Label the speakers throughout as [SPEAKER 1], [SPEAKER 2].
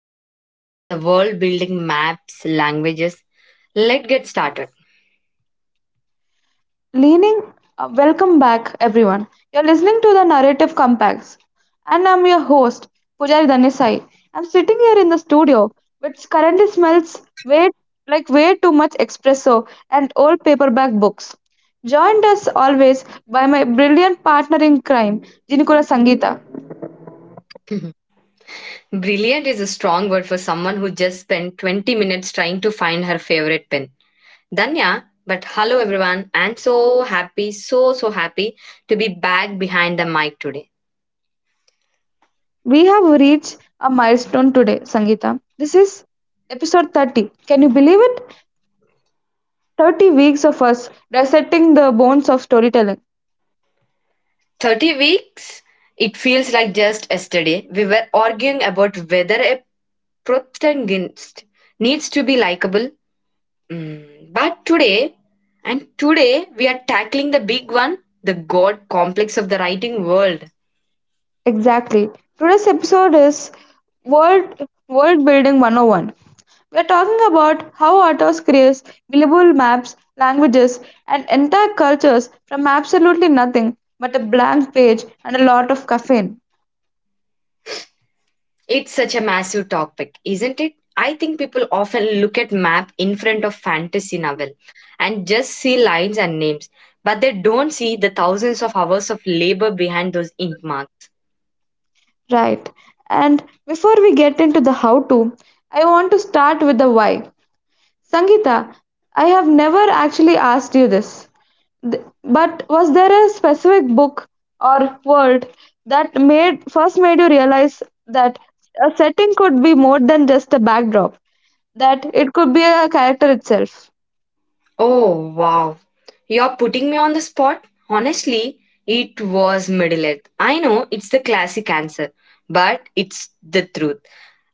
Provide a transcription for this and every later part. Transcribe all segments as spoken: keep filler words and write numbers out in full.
[SPEAKER 1] episode the world building maps, languages. Let's get started.
[SPEAKER 2] Leaning, uh, welcome back, everyone. You're listening to the Narrative Compacts, and I'm your host, Pujari Danisai. I'm sitting here in the studio, which currently smells way like way too much espresso and old paperback books. Joined as always by my brilliant partner in crime, Jinikura Sangita.
[SPEAKER 1] Brilliant is a strong word for someone who just spent twenty minutes trying to find her favorite pin. Danya, but hello, everyone, and so happy, so, so happy to be back behind the mic today.
[SPEAKER 2] We have reached a milestone today, Sangita. This is episode thirty. Can you believe it? thirty weeks of us dissecting the bones of storytelling.
[SPEAKER 1] thirty weeks, it feels like just yesterday. We were arguing about whether a protagonist needs to be likable. Mm, but today, and today we are tackling the big one, the God complex of the writing world.
[SPEAKER 2] Exactly. Today's episode is World World Building one oh one. We're talking about how authors create believable maps, languages, and entire cultures from absolutely nothing but a blank page and a lot of caffeine.
[SPEAKER 1] It's such a massive topic, isn't it? I think people often look at map in front of fantasy novel and just see lines and names, but they don't see the thousands of hours of labor behind those ink marks.
[SPEAKER 2] Right. And before we get into the how to, I want to start with the why. Sangeeta, I have never actually asked you this. Th- But was there a specific book or world that made first made you realize that a setting could be more than just a backdrop, that it could be a character itself?
[SPEAKER 1] Oh wow. You're putting me on the spot. Honestly, it was Middle Earth. I know it's the classic answer, but it's the truth.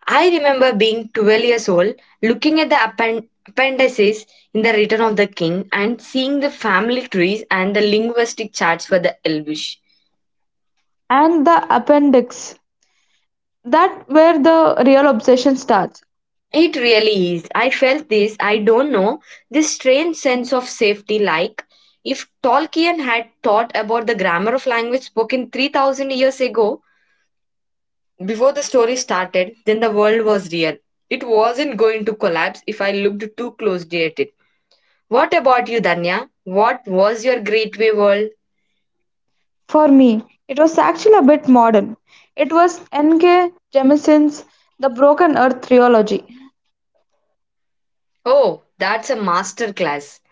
[SPEAKER 1] I remember being twelve years old, looking at the append- appendices in The Return of the King and seeing the family trees and the linguistic charts for the Elvish.
[SPEAKER 2] And the appendix, that where the real obsession starts.
[SPEAKER 1] It really is. I felt this, I don't know, this strange sense of safety, like if Tolkien had thought about the grammar of language spoken three thousand years ago before the story started, then the world was real. It wasn't going to collapse if I looked too closely at it. What about you, Danya? What was your great way world?
[SPEAKER 2] For me, it was actually a bit modern. It was N K. Jemison's The Broken Earth Trilogy.
[SPEAKER 1] Oh, that's a master class.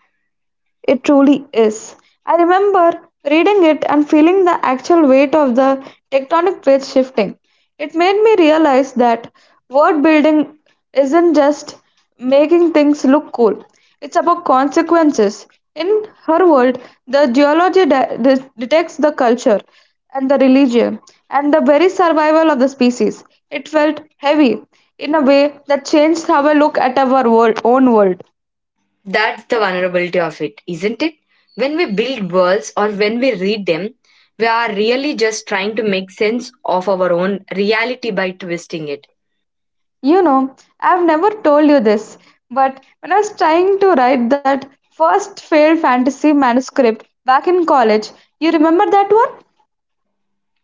[SPEAKER 2] It truly is. I remember reading it and feeling the actual weight of the tectonic plates shifting. It made me realize that word building isn't just making things look cool, it's about consequences. In her world, the geology de- de- detects the culture and the religion and the very survival of the species. It felt heavy in a way that changed how I look at our world, own world.
[SPEAKER 1] That's the vulnerability of it, isn't it? When we build worlds or when we read them, we are really just trying to make sense of our own reality by twisting it.
[SPEAKER 2] You know, I've never told you this, but when I was trying to write that first failed fantasy manuscript back in college, you remember that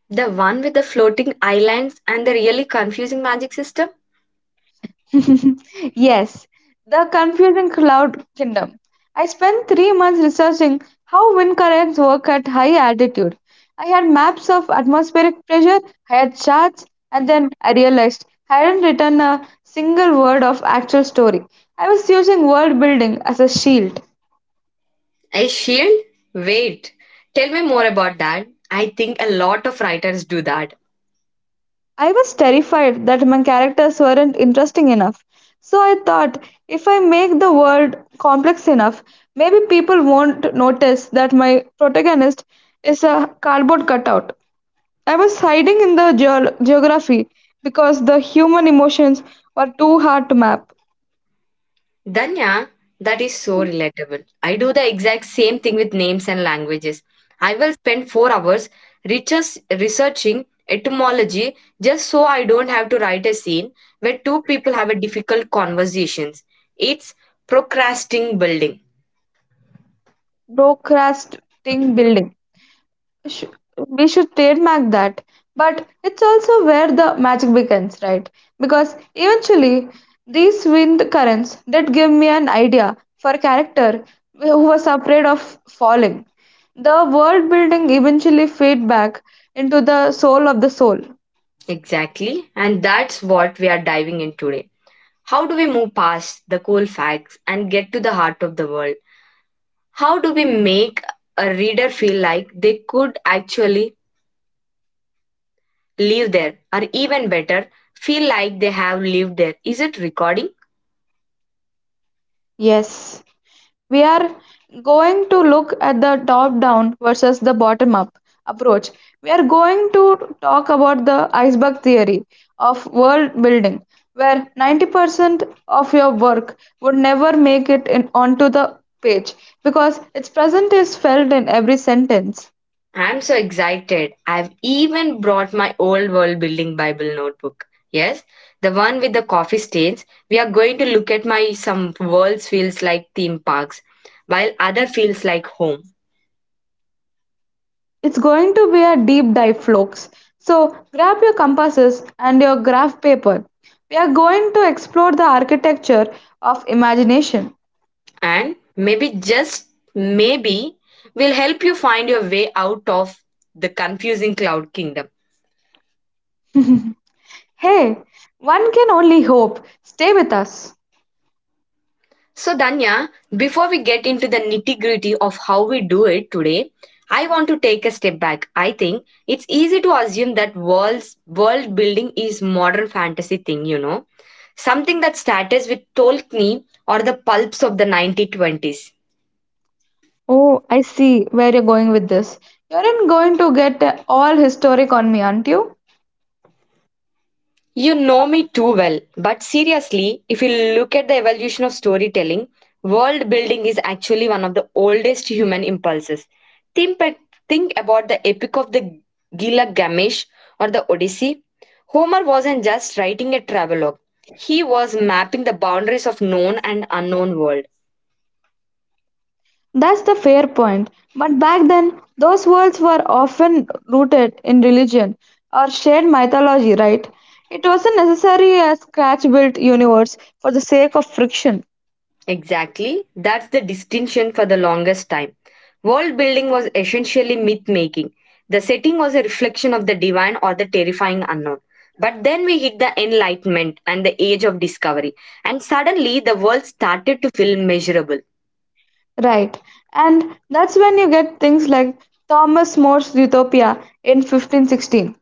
[SPEAKER 1] The one with the floating islands and the really confusing magic system?
[SPEAKER 2] one? Yes, The Confusing Cloud Kingdom. I spent three months researching how wind currents work at high altitude. I had maps of atmospheric pressure, I had charts, and then I realized I hadn't written a single word of actual story. I was using world building as a shield.
[SPEAKER 1] A shield? Wait, tell me more about that. I think a lot of writers do that.
[SPEAKER 2] I was terrified that my characters weren't interesting enough. So I thought, if I make the world complex enough, maybe people won't notice that my protagonist is a cardboard cutout. I was hiding in the geo- geography because the human emotions were too hard to map.
[SPEAKER 1] Danya, that is so relatable. I do the exact same thing with names and languages. I will spend four hours research, researching etymology just so I don't have to write a scene where two people have a difficult conversations. It's procrastinating building.
[SPEAKER 2] Broadcasting building. sh- we should trademark that, but it's also where the magic begins, right? Because eventually these wind currents did give me an idea for a character who was afraid of falling. The world building eventually fed back into the soul of the soul.
[SPEAKER 1] Exactly. And that's what we are diving in today. How do we move past the cold facts and get to the heart of the world? How do we make a reader feel like they could actually live there, or even better, feel like they have lived there. Is it recording?
[SPEAKER 2] Yes. We are going to look at the top down versus the bottom up approach. We are going to talk about the iceberg theory of world building, where ninety percent of your work would never make it in, onto the page, because its presence is felt in every sentence.
[SPEAKER 1] I'm so excited. I've even brought my old world building Bible notebook. Yes, the one with the coffee stains. We are going to look at my some worlds feels like theme parks, while other feels like home.
[SPEAKER 2] It's going to be a deep dive, folks. So grab your compasses and your graph paper. We are going to explore the architecture of imagination.
[SPEAKER 1] And maybe just maybe will help you find your way out of the confusing cloud kingdom.
[SPEAKER 2] Hey, one can only hope. Stay with us.
[SPEAKER 1] So, Danya, before we get into the nitty gritty of how we do it today, I want to take a step back. I think it's easy to assume that world's world building is modern fantasy thing, you know, something that started with Tolkien or the pulps of the nineteen twenties.
[SPEAKER 2] Oh, I see where you're going with this. You aren't going to get uh, all historic on me, aren't you?
[SPEAKER 1] You know me too well, but seriously, if you look at the evolution of storytelling, world building is actually one of the oldest human impulses. Think, pa- think about the epic of the Gilgamesh or the Odyssey. Homer wasn't just writing a travelogue, he was mapping the boundaries of known and unknown world.
[SPEAKER 2] That's the fair point. But back then, those worlds were often rooted in religion or shared mythology, right? It wasn't necessarily a scratch built universe for the sake of friction.
[SPEAKER 1] Exactly. That's the distinction for the longest time. World building was essentially myth making. The setting was a reflection of the divine or the terrifying unknown. But then we hit the Enlightenment and the age of discovery, and suddenly the world started to feel measurable.
[SPEAKER 2] Right. And that's when you get things like Thomas More's Utopia in fifteen sixteen.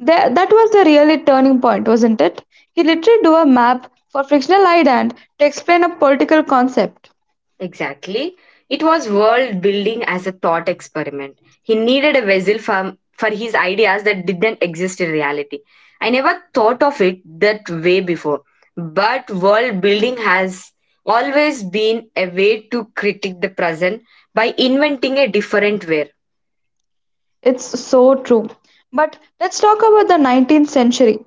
[SPEAKER 2] That, that was the really turning point, wasn't it? He literally drew a map for frictional island to explain a political concept.
[SPEAKER 1] Exactly. It was world building as a thought experiment. He needed a vessel for, for his ideas that didn't exist in reality. I never thought of it that way before. But world building has always been a way to critique the present by inventing a different way.
[SPEAKER 2] It's so true. But let's talk about the nineteenth century.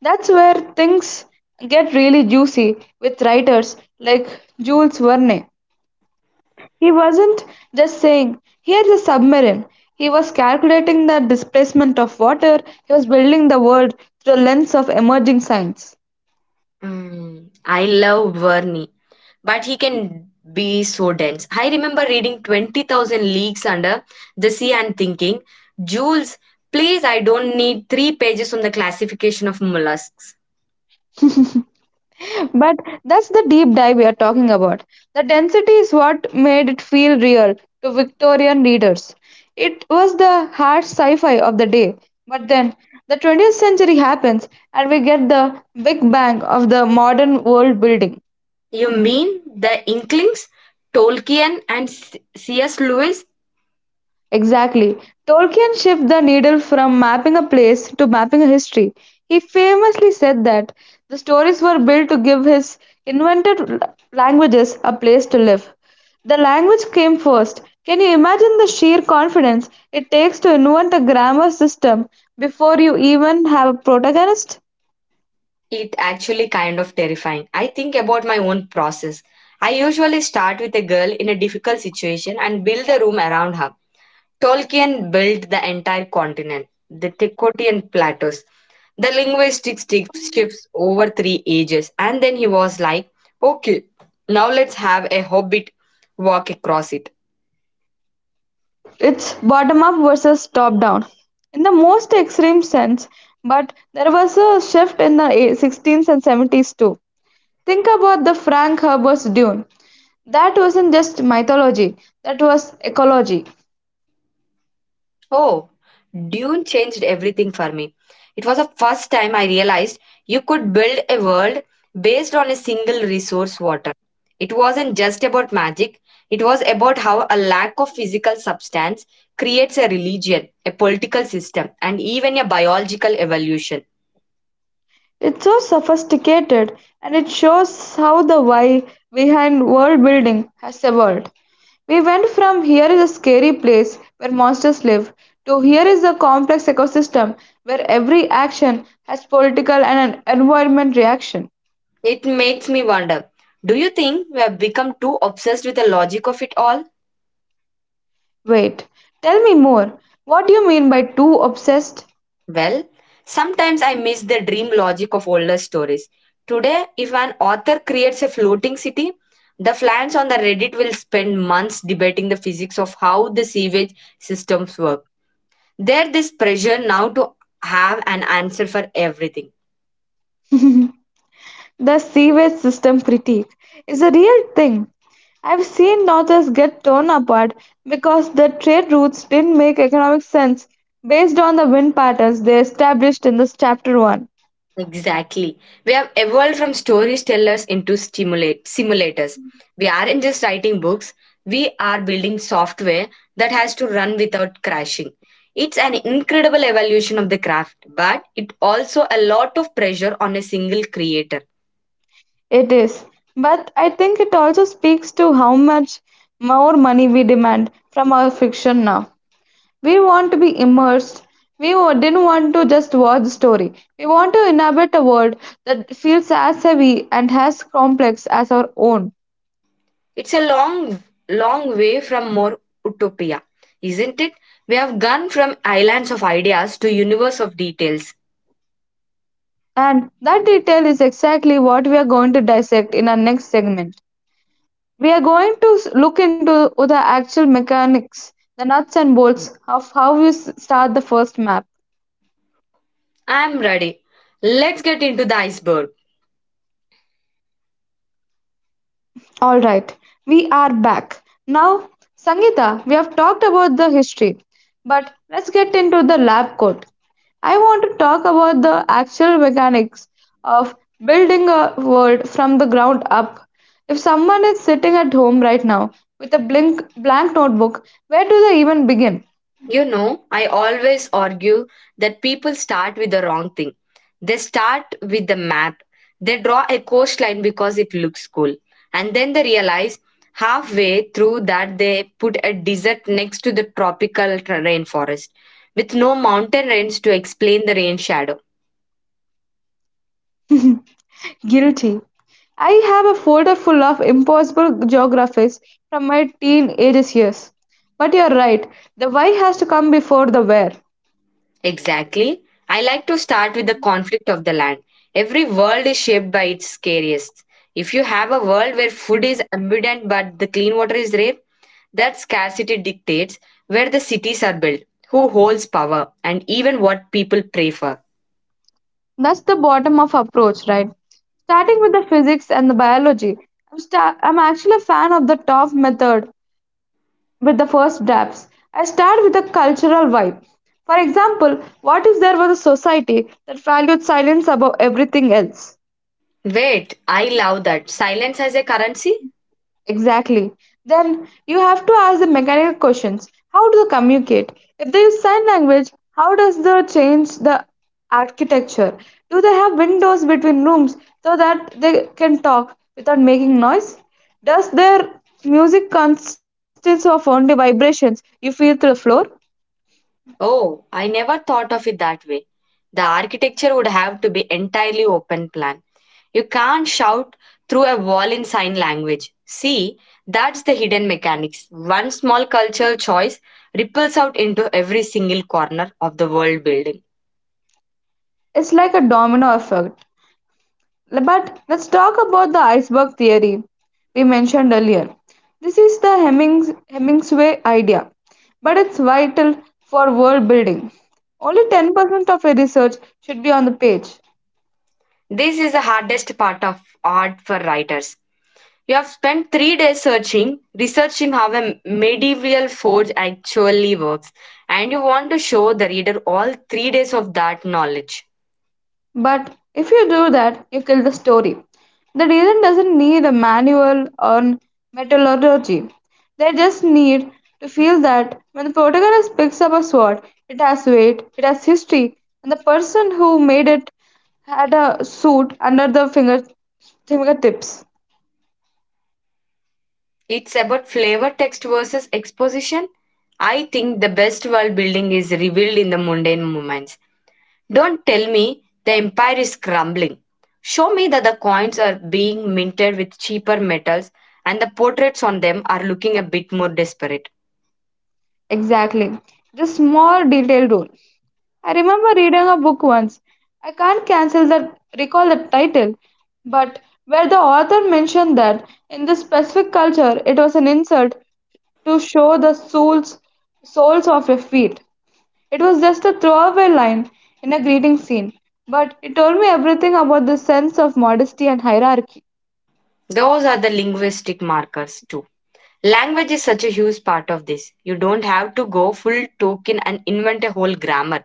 [SPEAKER 2] That's where things get really juicy with writers like Jules Verne. He wasn't just saying, here's a submarine. He was calculating the displacement of water. He was building the world through the lens of emerging science.
[SPEAKER 1] Mm, I love Verney, but he can be so dense. I remember reading twenty thousand Leagues Under the Sea and thinking, Jules, please, I don't need three pages on the classification of mollusks.
[SPEAKER 2] But that's the deep dive we are talking about. The density is what made it feel real to Victorian readers. It was the hard sci fi of the day. But then the twentieth century happens and we get the big bang of the modern world building.
[SPEAKER 1] You mean the Inklings, Tolkien, and C- C.S. Lewis?
[SPEAKER 2] Exactly. Tolkien shifted the needle from mapping a place to mapping a history. He famously said that the stories were built to give his invented l- languages a place to live. The language came first. Can you imagine the sheer confidence it takes to invent a grammar system before you even have a protagonist?
[SPEAKER 1] It actually kind of terrifying. I think about my own process. I usually start with a girl in a difficult situation and build the room around her. Tolkien built the entire continent, the Tikotian plateaus. The linguistic stick shifts over three ages, and then he was like, okay, now let's have a hobbit walk across it.
[SPEAKER 2] It's bottom up versus top down in the most extreme sense, but there was a shift in the eh, sixteenth and seventies too. Think about the Frank Herbert's dune. That wasn't just mythology, that was ecology.
[SPEAKER 1] Oh, Dune changed everything for me. It was the first time I realized you could build a world based on a single resource water. It wasn't just about magic, it was about how a lack of physical substance creates a religion, a political system, and even a biological evolution.
[SPEAKER 2] It's so sophisticated, and it shows how the why behind world building has evolved. We went from here is a scary place where monsters live to here is a complex ecosystem where every action has political and an environment reaction.
[SPEAKER 1] It makes me wonder, do you think we have become too obsessed with the logic of it all?
[SPEAKER 2] Wait, tell me more. What do you mean by too obsessed?
[SPEAKER 1] Well, sometimes I miss the dream logic of older stories. Today, if an author creates a floating city, the fans on the Reddit will spend months debating the physics of how the sewage systems work. There is pressure now to have an answer for everything.
[SPEAKER 2] The sewage system critique is a real thing. I've seen northers get torn apart because their trade routes didn't make economic sense based on the wind patterns they established in this chapter one.
[SPEAKER 1] Exactly. We have evolved from storytellers into stimulate simulators. We aren't just writing books, we are building software that has to run without crashing. It's an incredible evolution of the craft, but it also a lot of pressure on a single creator.
[SPEAKER 2] It is. But I think it also speaks to how much more money we demand from our fiction now. We want to be immersed. We wa- didn't want to just watch the story. We want to inhabit a world that feels as heavy and as complex as our own.
[SPEAKER 1] It's a long long way from more utopia, isn't it? We have gone from islands of ideas to universe of details.
[SPEAKER 2] And that detail is exactly what we are going to dissect in our next segment. We are going to s- look into the actual mechanics, the nuts and bolts of how you s- start the first map.
[SPEAKER 1] I'm ready. Let's get into the iceberg.
[SPEAKER 2] All right, we are back. Now, Sangeeta, we have talked about the history, but let's get into the lab coat. I want to talk about the actual mechanics of building a world from the ground up. If someone is sitting at home right now with a blink, blank notebook, where do they even begin?
[SPEAKER 1] You know, I always argue that people start with the wrong thing. They start with the map. They draw a coastline because it looks cool. And then they realize halfway through that they put a desert next to the tropical tra- rainforest with no mountain range to explain the rain shadow.
[SPEAKER 2] Guilty. I have a folder full of impossible geographies from my teenage years. But you're right, the why has to come before the where.
[SPEAKER 1] Exactly. I like to start with the conflict of the land. Every world is shaped by its scariest. If you have a world where food is abundant but the clean water is rare, that scarcity dictates where the cities are built, who holds power, and even what people pray for.
[SPEAKER 2] That's the bottom of approach, right? Starting with the physics and the biology. I'm, sta- I'm actually a fan of the top method with the first drafts. I start with the cultural vibe. For example, what if there was a society that valued silence above everything else?
[SPEAKER 1] Wait, I love that. Silence as a currency?
[SPEAKER 2] Exactly. Then you have to ask the mechanical questions. How do they communicate? If they use sign language, how does the change the architecture? Do they have windows between rooms so that they can talk without making noise? Does their music consist of only vibrations you feel through the floor?
[SPEAKER 1] Oh, I never thought of it that way. The architecture would have to be entirely open plan. You can't shout through a wall in sign language. See, that's the hidden mechanics. One small cultural choice ripples out into every single corner of the world building.
[SPEAKER 2] It's like a domino effect. Le- But let's talk about the iceberg theory we mentioned earlier. This is the Hemings- Hemingway idea, but it's vital for world building. Only ten percent of your research should be on the page.
[SPEAKER 1] This is the hardest part of art for writers. You have spent three days searching, researching how a medieval forge actually works, and you want to show the reader all three days of that knowledge.
[SPEAKER 2] But if you do that, you kill the story. The reason doesn't need a manual or methodology. They just need to feel that when the protagonist picks up a sword, it has weight, it has history, and the person who made it had a suit under the finger fingertips.
[SPEAKER 1] It's about flavor text versus exposition. I think the best world building is revealed in the mundane moments. Don't tell me the empire is crumbling. Show me that the coins are being minted with cheaper metals and the portraits on them are looking a bit more desperate.
[SPEAKER 2] Exactly. The small detailed rule. I remember reading a book once. I can't cancel the recall the title, but where the author mentioned that in this specific culture it was an insult to show the soles soles of your feet. It was just a throwaway line in a greeting scene, but it told me everything about the sense of modesty and hierarchy.
[SPEAKER 1] Those are the linguistic markers too. Language is such a huge part of this. You don't have to go full token and invent a whole grammar.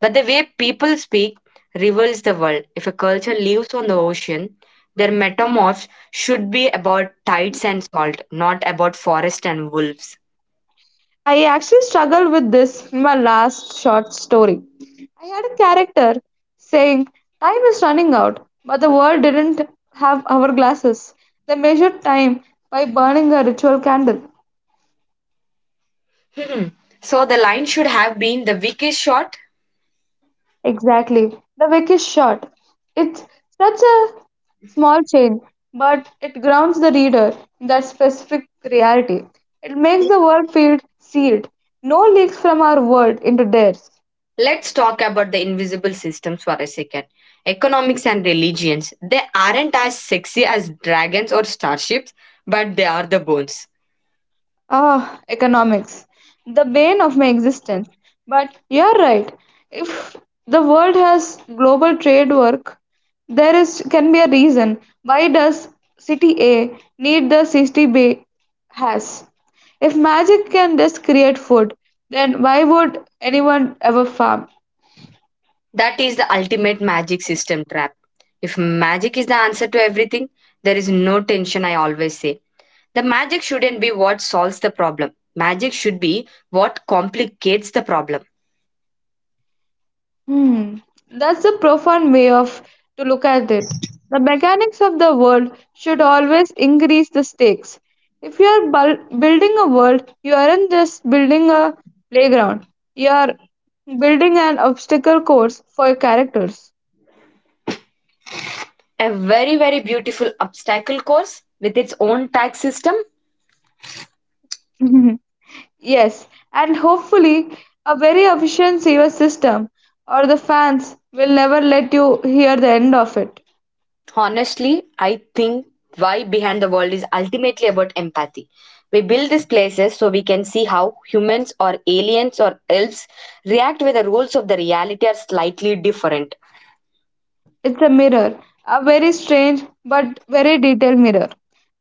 [SPEAKER 1] But the way people speak reveals the world. If a culture lives on the ocean, their metamorphs should be about tides and salt, not about forest and wolves.
[SPEAKER 2] I actually struggled with this in my last short story. I had a character saying, "Time is running out," but the world didn't have hourglasses. They measured time by burning a ritual candle.
[SPEAKER 1] Hmm, so the line should have been the weakest shot.
[SPEAKER 2] Exactly. The wick is short. It's such a small change, but it grounds the reader in that specific reality. It makes the world feel sealed. No leaks from our world into theirs.
[SPEAKER 1] Let's talk about the invisible systems for a second. Economics and religions. They aren't as sexy as dragons or starships, but they are the bones.
[SPEAKER 2] Ah, economics, the bane of my existence. But you're right. If the world has global trade work, there is can be a reason why does city A need the city B has. If magic can just create food, then why would anyone ever farm?
[SPEAKER 1] That is the ultimate magic system trap. If magic is the answer to everything, there is no tension, I always say. The magic shouldn't be what solves the problem. Magic should be what complicates the problem.
[SPEAKER 2] Hmm, that's a profound way of to look at it. The mechanics of the world should always increase the stakes. If you are bul- building a world, you aren't just building a playground. You are building an obstacle course for your characters.
[SPEAKER 1] A very, very beautiful obstacle course with its own tag system.
[SPEAKER 2] Yes, and hopefully a very efficient sewer system, or the fans will never let you hear the end of it.
[SPEAKER 1] Honestly, I think why Behind the World is ultimately about empathy. We build these places so we can see how humans or aliens or elves react when the rules of the reality are slightly different.
[SPEAKER 2] It's a mirror, a very strange but very detailed mirror.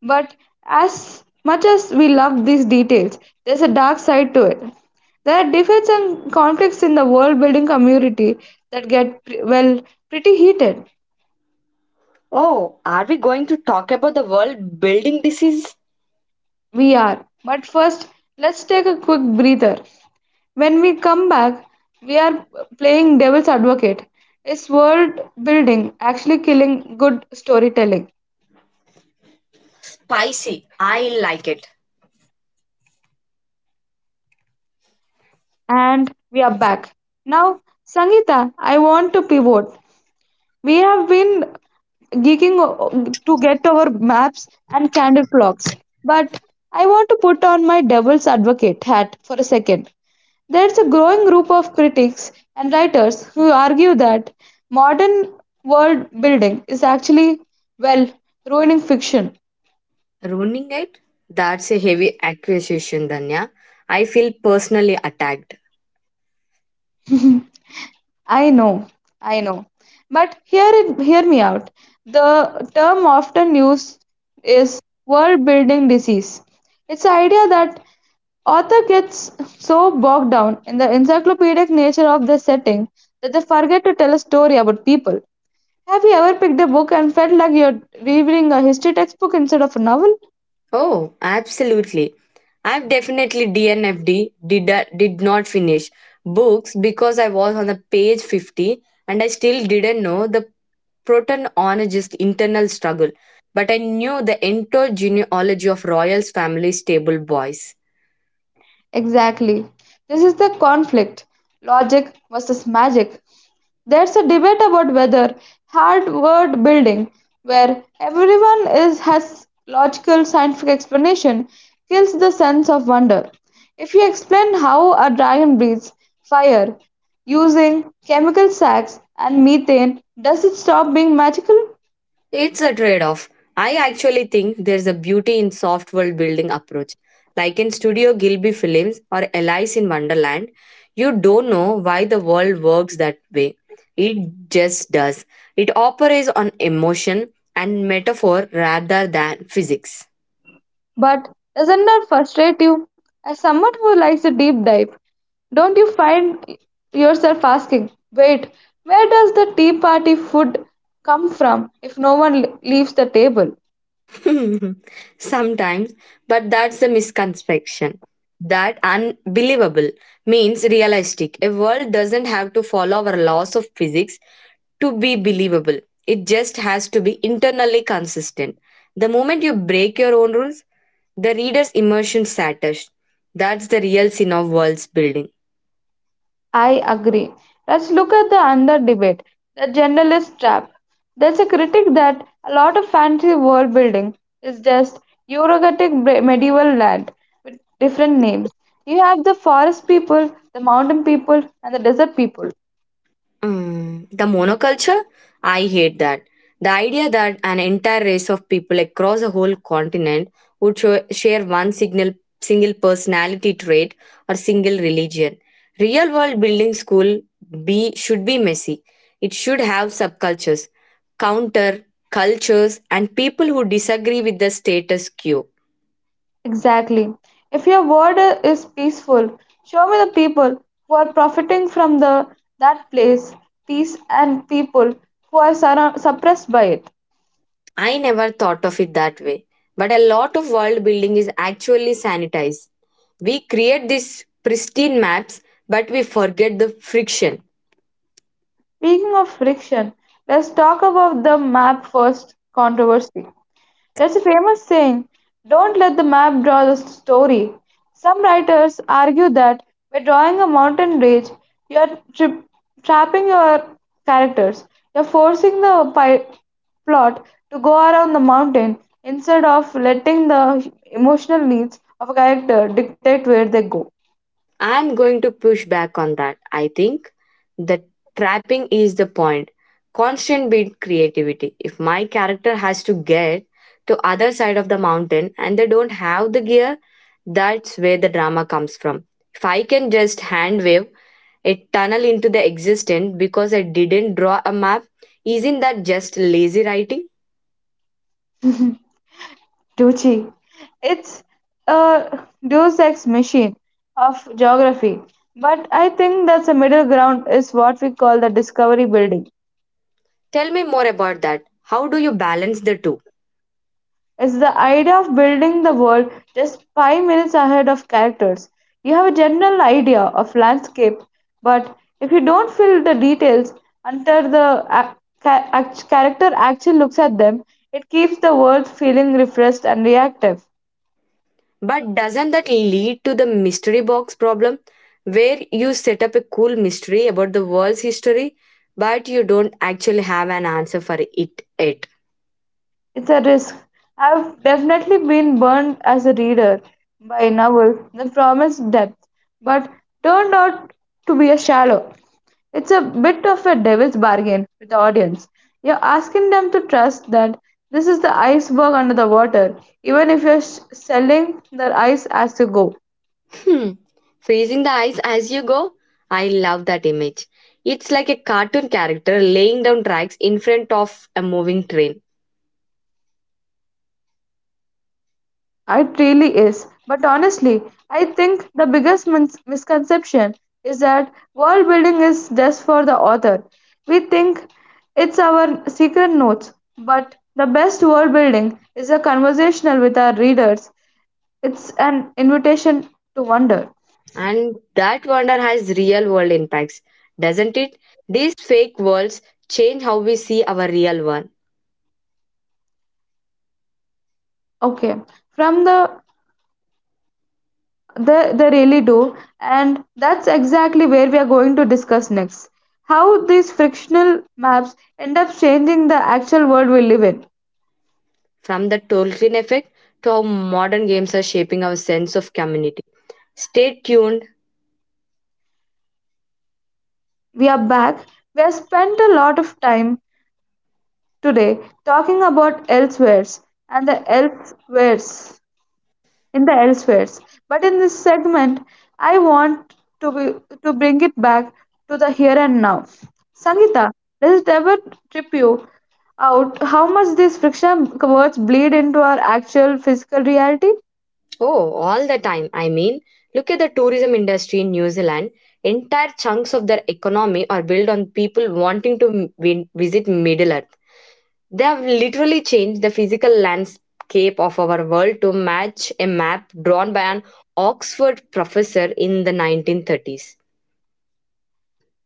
[SPEAKER 2] But as much as we love these details, there's a dark side to it. There are debates and conflicts in the world building community that get, pre- well, pretty heated.
[SPEAKER 1] Oh, are we going to talk about the world building? This is
[SPEAKER 2] We are. But first, let's take a quick breather. When we come back, we are playing devil's advocate. Is world building actually killing good storytelling?
[SPEAKER 1] spicy. I like it.
[SPEAKER 2] And we are back. Now, Sangeeta, I want to pivot. We have been geeking o- to get over maps and candle clocks, but I want to put on my devil's advocate hat for a second. There's a growing group of critics and writers who argue that modern world building is actually, well, ruining fiction.
[SPEAKER 1] Ruining it? That's a heavy accusation, Danya. I feel personally attacked.
[SPEAKER 2] I know, I know. But hear it, hear me out. The term often used is world building disease. It's the idea that author gets so bogged down in the encyclopedic nature of the setting that they forget to tell a story about people. Have you ever picked a book and felt like you're reading a history textbook instead of a novel?
[SPEAKER 1] Oh, absolutely. I've definitely D N F D, did, did not finish books because I was on the page fifty and I still didn't know the protonologist internal struggle, but I knew the endogenealogy of royals family's stable boys.
[SPEAKER 2] Exactly. This is the conflict logic versus magic. There's a debate about whether hard-word building, where everyone is, has logical scientific explanation, kills the sense of wonder. If you explain how a dragon breathes fire using chemical sacks and methane, does it stop being magical?
[SPEAKER 1] It's a trade off. I actually think there's a beauty in soft world building approach. Like in Studio Gilby Films or Alice in Wonderland, you don't know why the world works that way. It just does. It operates on emotion and metaphor rather than physics.
[SPEAKER 2] But doesn't that frustrate you? As someone who likes a deep dive, don't you find yourself asking, wait, where does the tea party food come from if no one le- leaves the table?
[SPEAKER 1] Sometimes, but that's the misconception. That unbelievable means realistic. A world doesn't have to follow our laws of physics to be believable. It just has to be internally consistent. The moment you break your own rules, the reader's immersion shatters. That's the real sin of world's building.
[SPEAKER 2] I agree. Let's look at the another debate, the generalist trap. There's a critic that a lot of fancy world building is just Eurogatic bre- medieval land with different names. You have the forest people, the mountain people, and the desert people.
[SPEAKER 1] Mm, the monoculture? I hate that. The idea that an entire race of people across a whole continent would sho- share one signal, single personality trait or single religion. Real world building school be, should be messy. It should have subcultures, counter cultures, and people who disagree with the status quo.
[SPEAKER 2] Exactly. If your word i- is peaceful, show me the people who are profiting from the that place, peace, and people who are surra- suppressed by it.
[SPEAKER 1] I never thought of it that way. But a lot of world building is actually sanitized. We create these pristine maps, but we forget the friction.
[SPEAKER 2] Speaking of friction, let's talk about the map first controversy. That's a famous saying, don't let the map draw the story. Some writers argue that by drawing a mountain range, you are tri- trapping your characters. You're forcing the pi- plot to go around the mountain instead of letting the emotional needs of a character dictate where they go.
[SPEAKER 1] I'm going to push back on that. I think the trapping is the point. Constant beat creativity. If my character has to get to other side of the mountain and they don't have the gear, that's where the drama comes from. If I can just hand wave a tunnel into the existence because I didn't draw a map, isn't that just lazy writing?
[SPEAKER 2] Tucci. It's a deus ex machine of geography. But I think that's a middle ground is what we call the discovery building.
[SPEAKER 1] Tell me more about that. How do you balance the two?
[SPEAKER 2] It's the idea of building the world just five minutes ahead of characters. You have a general idea of landscape, but if you don't fill the details until the ac- ca- act- character actually looks at them, it keeps the world feeling refreshed and reactive.
[SPEAKER 1] But doesn't that lead to the mystery box problem, where you set up a cool mystery about the world's history, but you don't actually have an answer for it yet?
[SPEAKER 2] It's a risk. I've definitely been burned as a reader by a novel that promised depth, but turned out to be a shallow. It's a bit of a devil's bargain with the audience. You're asking them to trust that this is the iceberg under the water, even if you're sh- selling their eyes as you go.
[SPEAKER 1] Hmm. Freezing the ice as you go? I love that image. It's like a cartoon character laying down tracks in front of a moving train.
[SPEAKER 2] It really is. But honestly, I think the biggest min- misconception is that world building is just for the author. We think it's our secret notes, but the best world building is a conversational with our readers. It's an invitation to wonder.
[SPEAKER 1] And that wonder has real world impacts, doesn't it? These fake worlds change how we see our real one.
[SPEAKER 2] Okay, from the the they really do, and that's exactly where we are going to discuss next. How these frictional maps end up changing the actual world we live in.
[SPEAKER 1] From the Tolkien effect to how modern games are shaping our sense of community. Stay tuned.
[SPEAKER 2] We are back. We have spent a lot of time today talking about elsewheres and the elsewheres in the elsewheres. But in this segment, I want to be, to bring it back to the here and now. Sangeeta, does it ever trip you out how much these friction words bleed into our actual physical reality?
[SPEAKER 1] Oh, all the time. I mean, look at the tourism industry in New Zealand. Entire chunks of their economy are built on people wanting to m- vi- visit Middle Earth. They have literally changed the physical landscape of our world to match a map drawn by an Oxford professor in the nineteen thirties.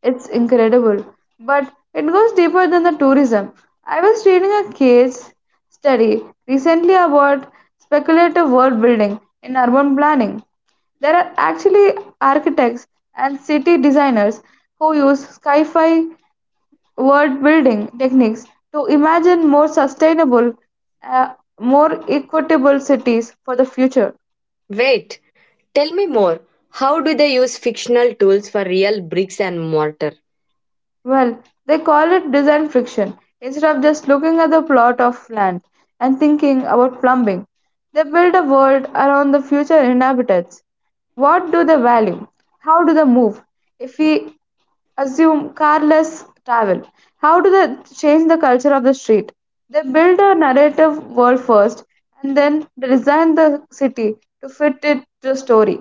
[SPEAKER 2] It's incredible, but it goes deeper than the tourism. I was reading a case study recently about speculative world building in urban planning. There are actually architects and city designers who use sci fi world building techniques to imagine more sustainable, uh, more equitable cities for the future.
[SPEAKER 1] Wait, tell me more. How do they use fictional tools for real bricks and mortar?
[SPEAKER 2] Well, they call it design friction. Instead of just looking at the plot of land and thinking about plumbing, they build a world around the future inhabitants. What do they value? How do they move? If we assume carless travel, how do they change the culture of the street? They build a narrative world first and then they design the city to fit it to the story.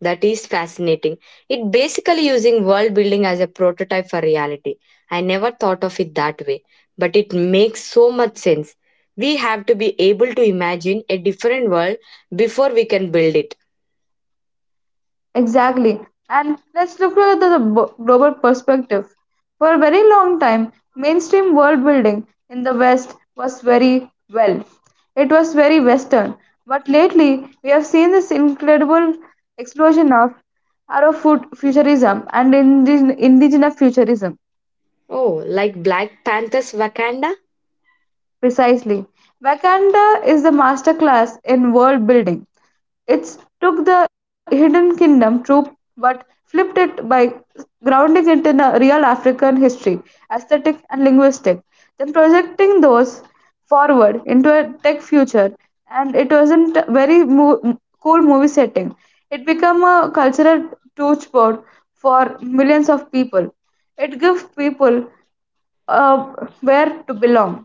[SPEAKER 1] That is fascinating. It basically using world building as a prototype for reality. I never thought of it that way, but it makes so much sense. We have to be able to imagine a different world before we can build it.
[SPEAKER 2] Exactly. And let's look at the the bo- global perspective. For a very long time, mainstream world building in the West was very well. It was very Western. But lately, we have seen this incredible explosion of Afro fut- futurism and indi- indigenous futurism.
[SPEAKER 1] Oh, like Black Panther's Wakanda?
[SPEAKER 2] Precisely. Wakanda is the masterclass in world building. It took the Hidden Kingdom trope but flipped it by grounding it in a real African history, aesthetic, and linguistic, then projecting those forward into a tech future. And it wasn't a very mo- cool movie setting. It became a cultural touchboard for millions of people. It gives people uh, where to belong.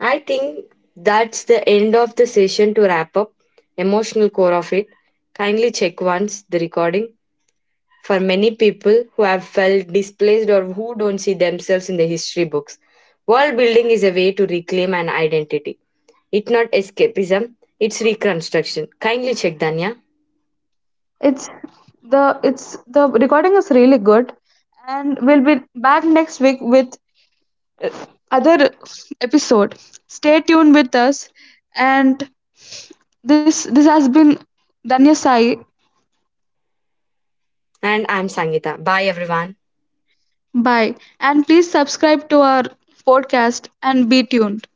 [SPEAKER 1] I think that's the end of the session to wrap up emotional core of it. Kindly check once the recording. For many people who have felt displaced or who don't see themselves in the history books. World building is a way to reclaim an identity. It's not escapism, it's reconstruction. Kindly check, Danya.
[SPEAKER 2] It's the it's the recording is really good, and we'll be back next week with uh, other episode. Stay tuned with us, and this this has been Danya Sai.
[SPEAKER 1] And I'm Sangita. Bye, everyone.
[SPEAKER 2] Bye, and please subscribe to our podcast and be tuned.